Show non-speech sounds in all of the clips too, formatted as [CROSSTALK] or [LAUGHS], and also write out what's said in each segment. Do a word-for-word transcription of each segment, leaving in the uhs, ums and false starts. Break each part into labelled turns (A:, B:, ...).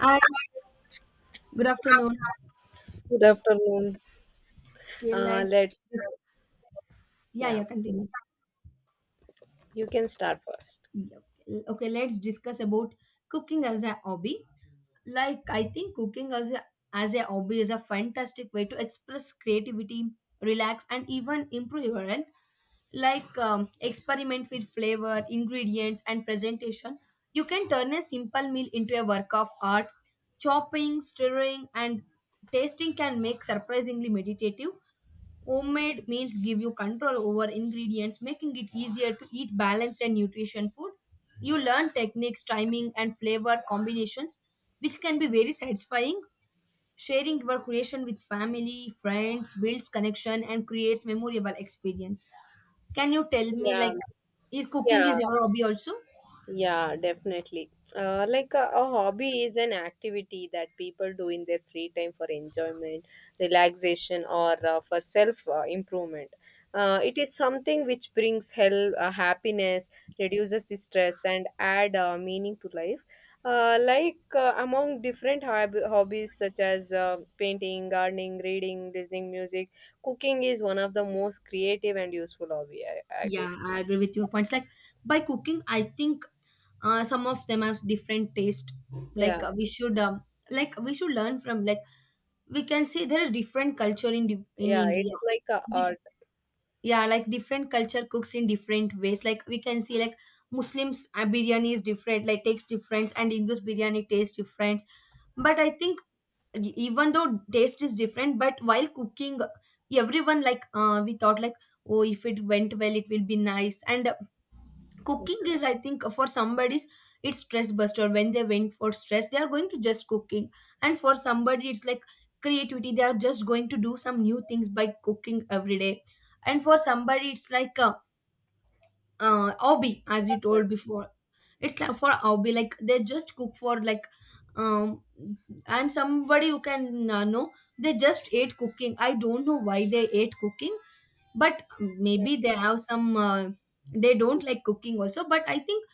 A: Hi, good afternoon.
B: Good afternoon.
A: Okay,
B: Uh,
A: let's
B: let's,
A: dis- yeah,
B: yeah,
A: yeah, continue.
B: you can start first.
A: Yeah, okay, okay, let's discuss about cooking as a hobby. Like I think cooking as a as a hobby is a fantastic way to express creativity, relax, and even improve your health. Like um, experiment with flavor, ingredients, and presentation. You can turn a simple meal into a work of art. Chopping, stirring, and tasting can make surprisingly meditative. Homemade means give you control over ingredients, making it easier to eat balanced and nutrition food. You learn techniques, timing, and flavor combinations, which can be very satisfying. Sharing your creation with family, friends builds connection and creates memorable experience. Can you tell me,
B: Yeah,
A: like, is cooking
B: yeah.
A: is your hobby also?
B: Yeah, definitely. Uh, like a, a hobby is an activity that people do in their free time for enjoyment, relaxation, or uh, for self uh, improvement. Uh, it is something which brings hell, uh, happiness, reduces the stress, and add uh, meaning to life. Uh, like uh, among different hob- hobbies such as uh, painting, gardening, reading, listening music, cooking is one of the most creative and useful hobby. I, I guess.
A: Yeah, I agree with your points. Like, by cooking, I think uh, some of them have different taste.
B: Yeah,
A: Like, uh, we should um, like we should learn from like we can see there are different culture in di- in
B: yeah.
A: India.
B: It's like a
A: Dif-
B: art.
A: yeah, like different culture cooks in different ways. Like we can see like Muslims uh, biryani is different, like takes different, and Hindus biryani tastes different. But I think e- even though taste is different, but while cooking, everyone like uh, we thought like, oh, if it went well it will be nice, and cooking is, I think, for somebody's, it's stress buster. When they went for stress they are going to just cooking, and for somebody it's like creativity. They are just going to do some new things by cooking every day, and for somebody it's like a uh, hobby, as you
B: uh,
A: told before. It's like for hobby like they just cook for like um and somebody who can uh, know they just ate cooking. I don't know why they ate cooking, but maybe
B: Yes,
A: they have some uh, they
B: yes.
A: don't like cooking also, but I think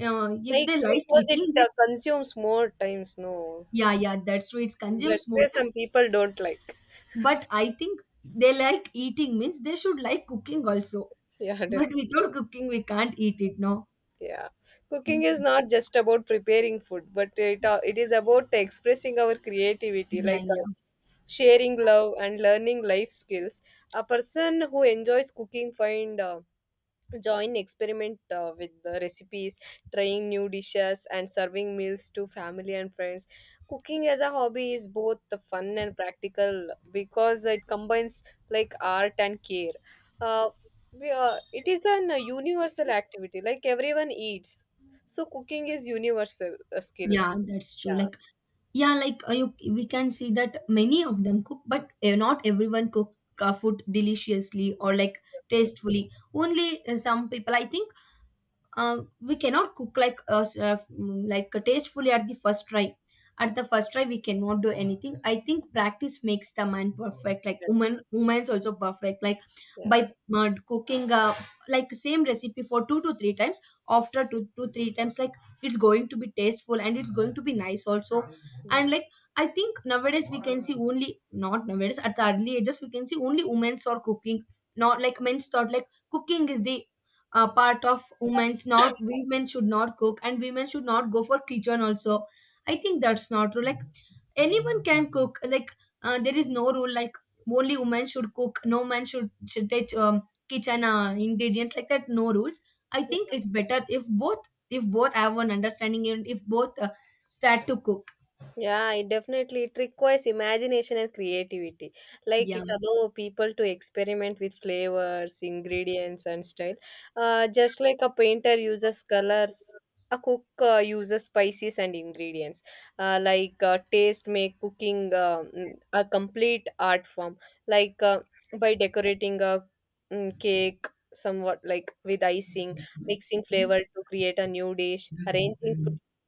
A: uh, if
B: Like
A: they like
B: because it
A: eating
B: uh,
A: it,
B: consumes more times, no.
A: yeah, yeah, that's true. It consumes
B: That's
A: more
B: where
A: time.
B: some people don't like. [LAUGHS]
A: But I think they like eating means they should like cooking also.
B: Yeah,
A: [LAUGHS]
B: definitely.
A: But without cooking, we can't eat it, no?
B: Yeah. Cooking is not just about preparing food, but it uh, it is about expressing our creativity,
A: Yeah,
B: like uh,
A: yeah,
B: sharing love and learning life skills. A person who enjoys cooking find uh, join experiment uh, with the recipes, trying new dishes and serving meals to family and friends. Cooking as a hobby is both the fun and practical because it combines like art and care. uh, we, uh, it is an uh, universal activity, like everyone eats, so cooking is universal a skill.
A: yeah, that's true.
B: Yeah,
A: Like, yeah, like uh, you, we can see that many of them cook, but uh, not everyone cook uh, food deliciously or like tastefully. Only uh, some people, I think uh, we cannot cook like uh, s- uh, mm, like uh, tastefully at the first try at the first try we cannot do anything. I think practice makes the man perfect. Like,
B: yeah,
A: woman woman's also perfect, like by uh, cooking, uh, like same recipe for two to three times. After two to three times, like it's going to be tasteful and it's going to be nice also. And
B: yeah,
A: like, I think nowadays we can see, only not nowadays, at the early ages we can see only women's are cooking, not like men's. Thought like cooking is the uh, part of women's, not women. Should not cook and women should not go for kitchen also. I think that's not true. Like anyone can cook. Like uh, there is no rule, like only women should cook, no man should should touch um, kitchen uh, ingredients, like that. No rules. I think
B: yeah.
A: it's better if both if both have one understanding, and if both uh, start to cook.
B: Yeah, it definitely it requires imagination and creativity. Like it
A: Yeah,
B: allows people to experiment with flavors, ingredients, and style. Uh, just like a painter uses colors, a cook uh, uses spices and ingredients. Uh, like uh, taste make cooking uh, mm, a complete art form. Like uh, by decorating a mm, cake somewhat like with icing, mixing flavor to create a new dish, arranging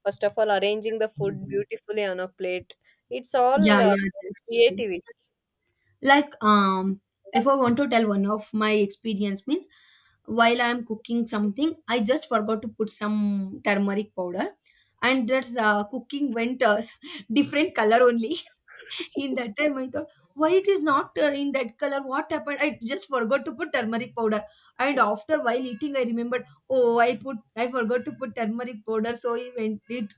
B: first of all, arranging the food beautifully on a plate. It's all
A: yeah,
B: uh,
A: yeah, that's true.
B: creativity.
A: Like, um if I want to tell one of my experience means, while I'm cooking something I just forgot to put some turmeric powder, and that's uh, cooking went uh, [LAUGHS] different color only. [LAUGHS] In
B: [LAUGHS]
A: that time I thought, why it is not uh, in that color, what happened? I just forgot to put turmeric powder, and after while eating I remembered, oh, i put i forgot to put turmeric powder. So it went, it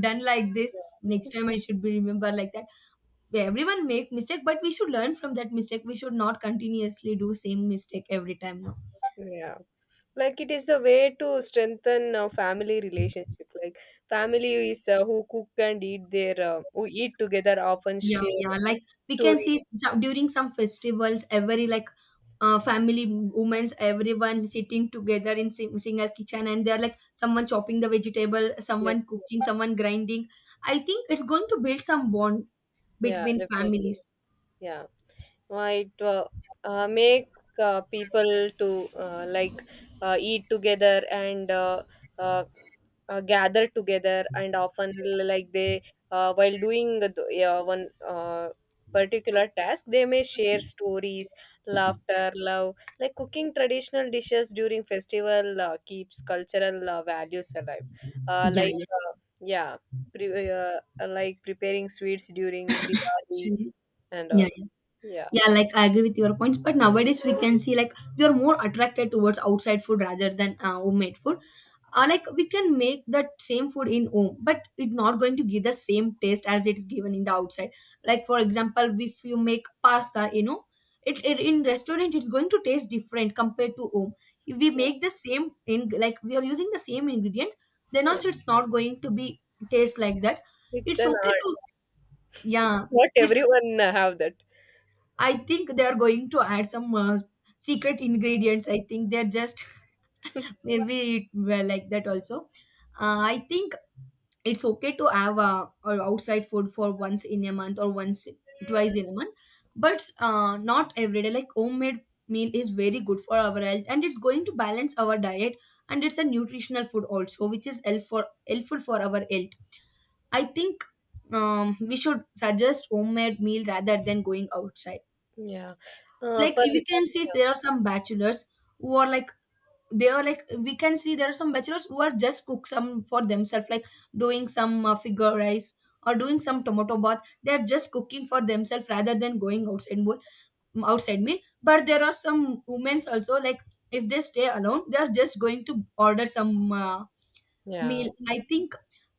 A: done like this. Next time I should be remember like that. Everyone make mistake, but we should learn from that mistake. We should not continuously do same mistake every time now.
B: Yeah. Like it is a way to strengthen uh, family relationship. Like family is uh, who cook and eat their uh, who eat together often
A: Yeah,
B: share
A: yeah, like we can see
B: stories.
A: some, during some festivals every like uh, family women's, everyone sitting together in sing- single kitchen, and they're like someone chopping the vegetable,
B: Yeah,
A: someone cooking, someone grinding. I think it's going to build some bond
B: yeah,
A: between
B: definitely.
A: families.
B: Yeah. might uh, uh, Make uh, people to uh, like uh, eat together and uh, uh, uh, gather together, and often like they uh, while doing the uh, one uh, particular task they may share stories, laughter, love. Like cooking traditional dishes during festival uh, keeps cultural uh, values alive. uh,
A: Yeah,
B: like
A: yeah.
B: uh, yeah. pre- uh, like preparing sweets during Diwali
A: Sure.
B: and
A: Yeah,
B: all.
A: yeah.
B: Yeah.
A: Yeah, like I agree with your points, but nowadays we can see like we are more attracted towards outside food rather than uh, homemade food. Uh, like we can make that same food in home, but it's not going to give the same taste as it's given in the outside. Like, for example, if you make pasta, you know, it, it in restaurant it's going to taste different compared to home. If we make the same in, like, we are using the same ingredients, then
B: Yeah,
A: also it's not going to be taste like that.
B: it's
A: It's
B: an
A: okay
B: art.
A: to, yeah.
B: Not
A: It's,
B: everyone uh, have that.
A: I think, they are going to add some uh, secret ingredients. I think they're just [LAUGHS] maybe it were like that also. Uh, I think it's okay to have uh, or outside food for once in a month or once twice in a month, but uh, not every day. Like, homemade meal is very good for our health, and it's going to balance our diet, and it's a nutritional food also, which is help for helpful for our health. I think um, we should suggest homemade meal rather than going outside.
B: Yeah. Uh,
A: Like
B: for
A: we can see
B: yeah.
A: there are some bachelors who are like, they are like, we can see there are some bachelors who are just cook some for themselves, like doing some uh, figure rice, or doing some tomato bath. They are just cooking for themselves rather than going outside meal. outside meal but there are some women also, like if they stay alone, they are just going to order some uh,
B: Yeah.
A: meal. I think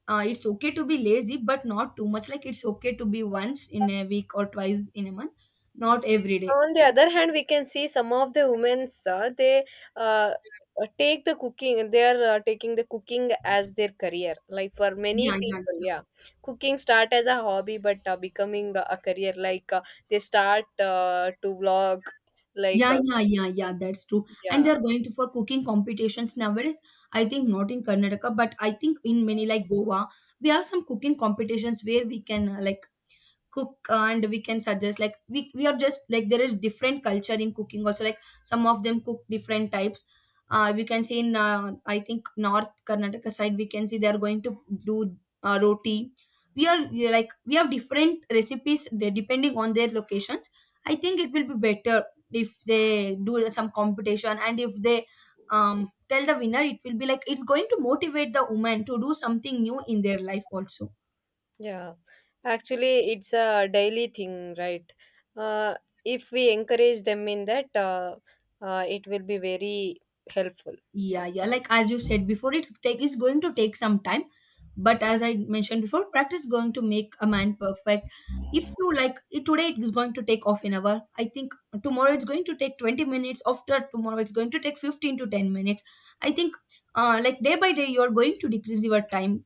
A: uh, it's okay to be lazy, but not too much. Like, it's okay to be once in a week or twice in a month, not every day.
B: On the other hand, we can see some of the women's uh, they uh, uh, take the cooking. They are uh, taking the cooking as their career. Like for many
A: Yeah, yeah,
B: people,
A: yeah.
B: yeah, cooking start as a hobby, but uh, becoming a career. Like uh, they start uh, to vlog. Like
A: Yeah,
B: uh,
A: yeah, yeah, yeah, that's true. And
B: yeah.
A: they're going to for cooking competitions nowadays. I think not in Karnataka, but I think in many like Goa, we have some cooking competitions where we can, uh, like, cook, and we can suggest like, we, we are just like, there is different culture in cooking also. Like some of them cook different types. Uh, we can see in uh, I think north Karnataka side, we can see they are going to do uh, roti. We are we are like, we have different recipes de- depending on their locations. I think it will be better if they do some competition, and if they um, tell the winner, it will be like, it's going to motivate the woman to do something new in their life also.
B: Yeah, actually, it's a daily thing, right? Uh, if we encourage them in that, uh, uh, it will be very helpful.
A: Yeah, yeah. Like, as you said before, it's take is going to take some time, but as I mentioned before, practice going to make a man perfect. If you like it today, it is going to take off an hour. I think tomorrow it's going to take twenty minutes. After tomorrow, it's going to take fifteen to ten minutes. I think uh, like, day by day, you are going to decrease your time,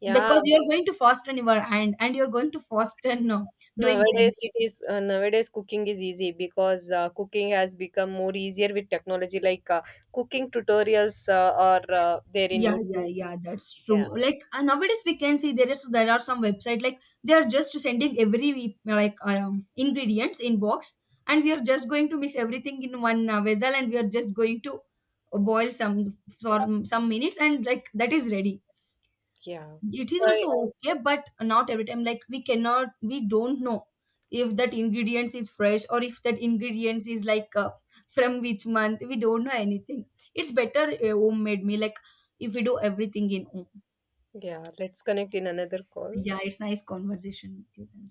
B: Yeah,
A: because you are going to fasten your hand, and you are going to fasten uh, doing
B: nowadays
A: things.
B: it is uh, nowadays cooking is easy because uh, cooking has become more easier with technology, like uh, cooking tutorials uh, are uh, there in
A: Yeah, yeah,
B: YouTube.
A: yeah, that's
B: Yeah,
A: true. Like uh, nowadays we can see there is there are some website, like they are just sending every we- like um, ingredients in box, and we are just going to mix everything in one uh, vessel, and we are just going to boil some for some minutes, and like that is ready.
B: yeah,
A: It is also
B: Uh,
A: okay, but not every time. Like we cannot, we don't know if that ingredients is fresh, or if that ingredients is like uh, from which month, we don't know anything. It's better a homemade meal, like if we do everything in home.
B: yeah. Let's connect in another call.
A: Yeah, it's nice conversation with you.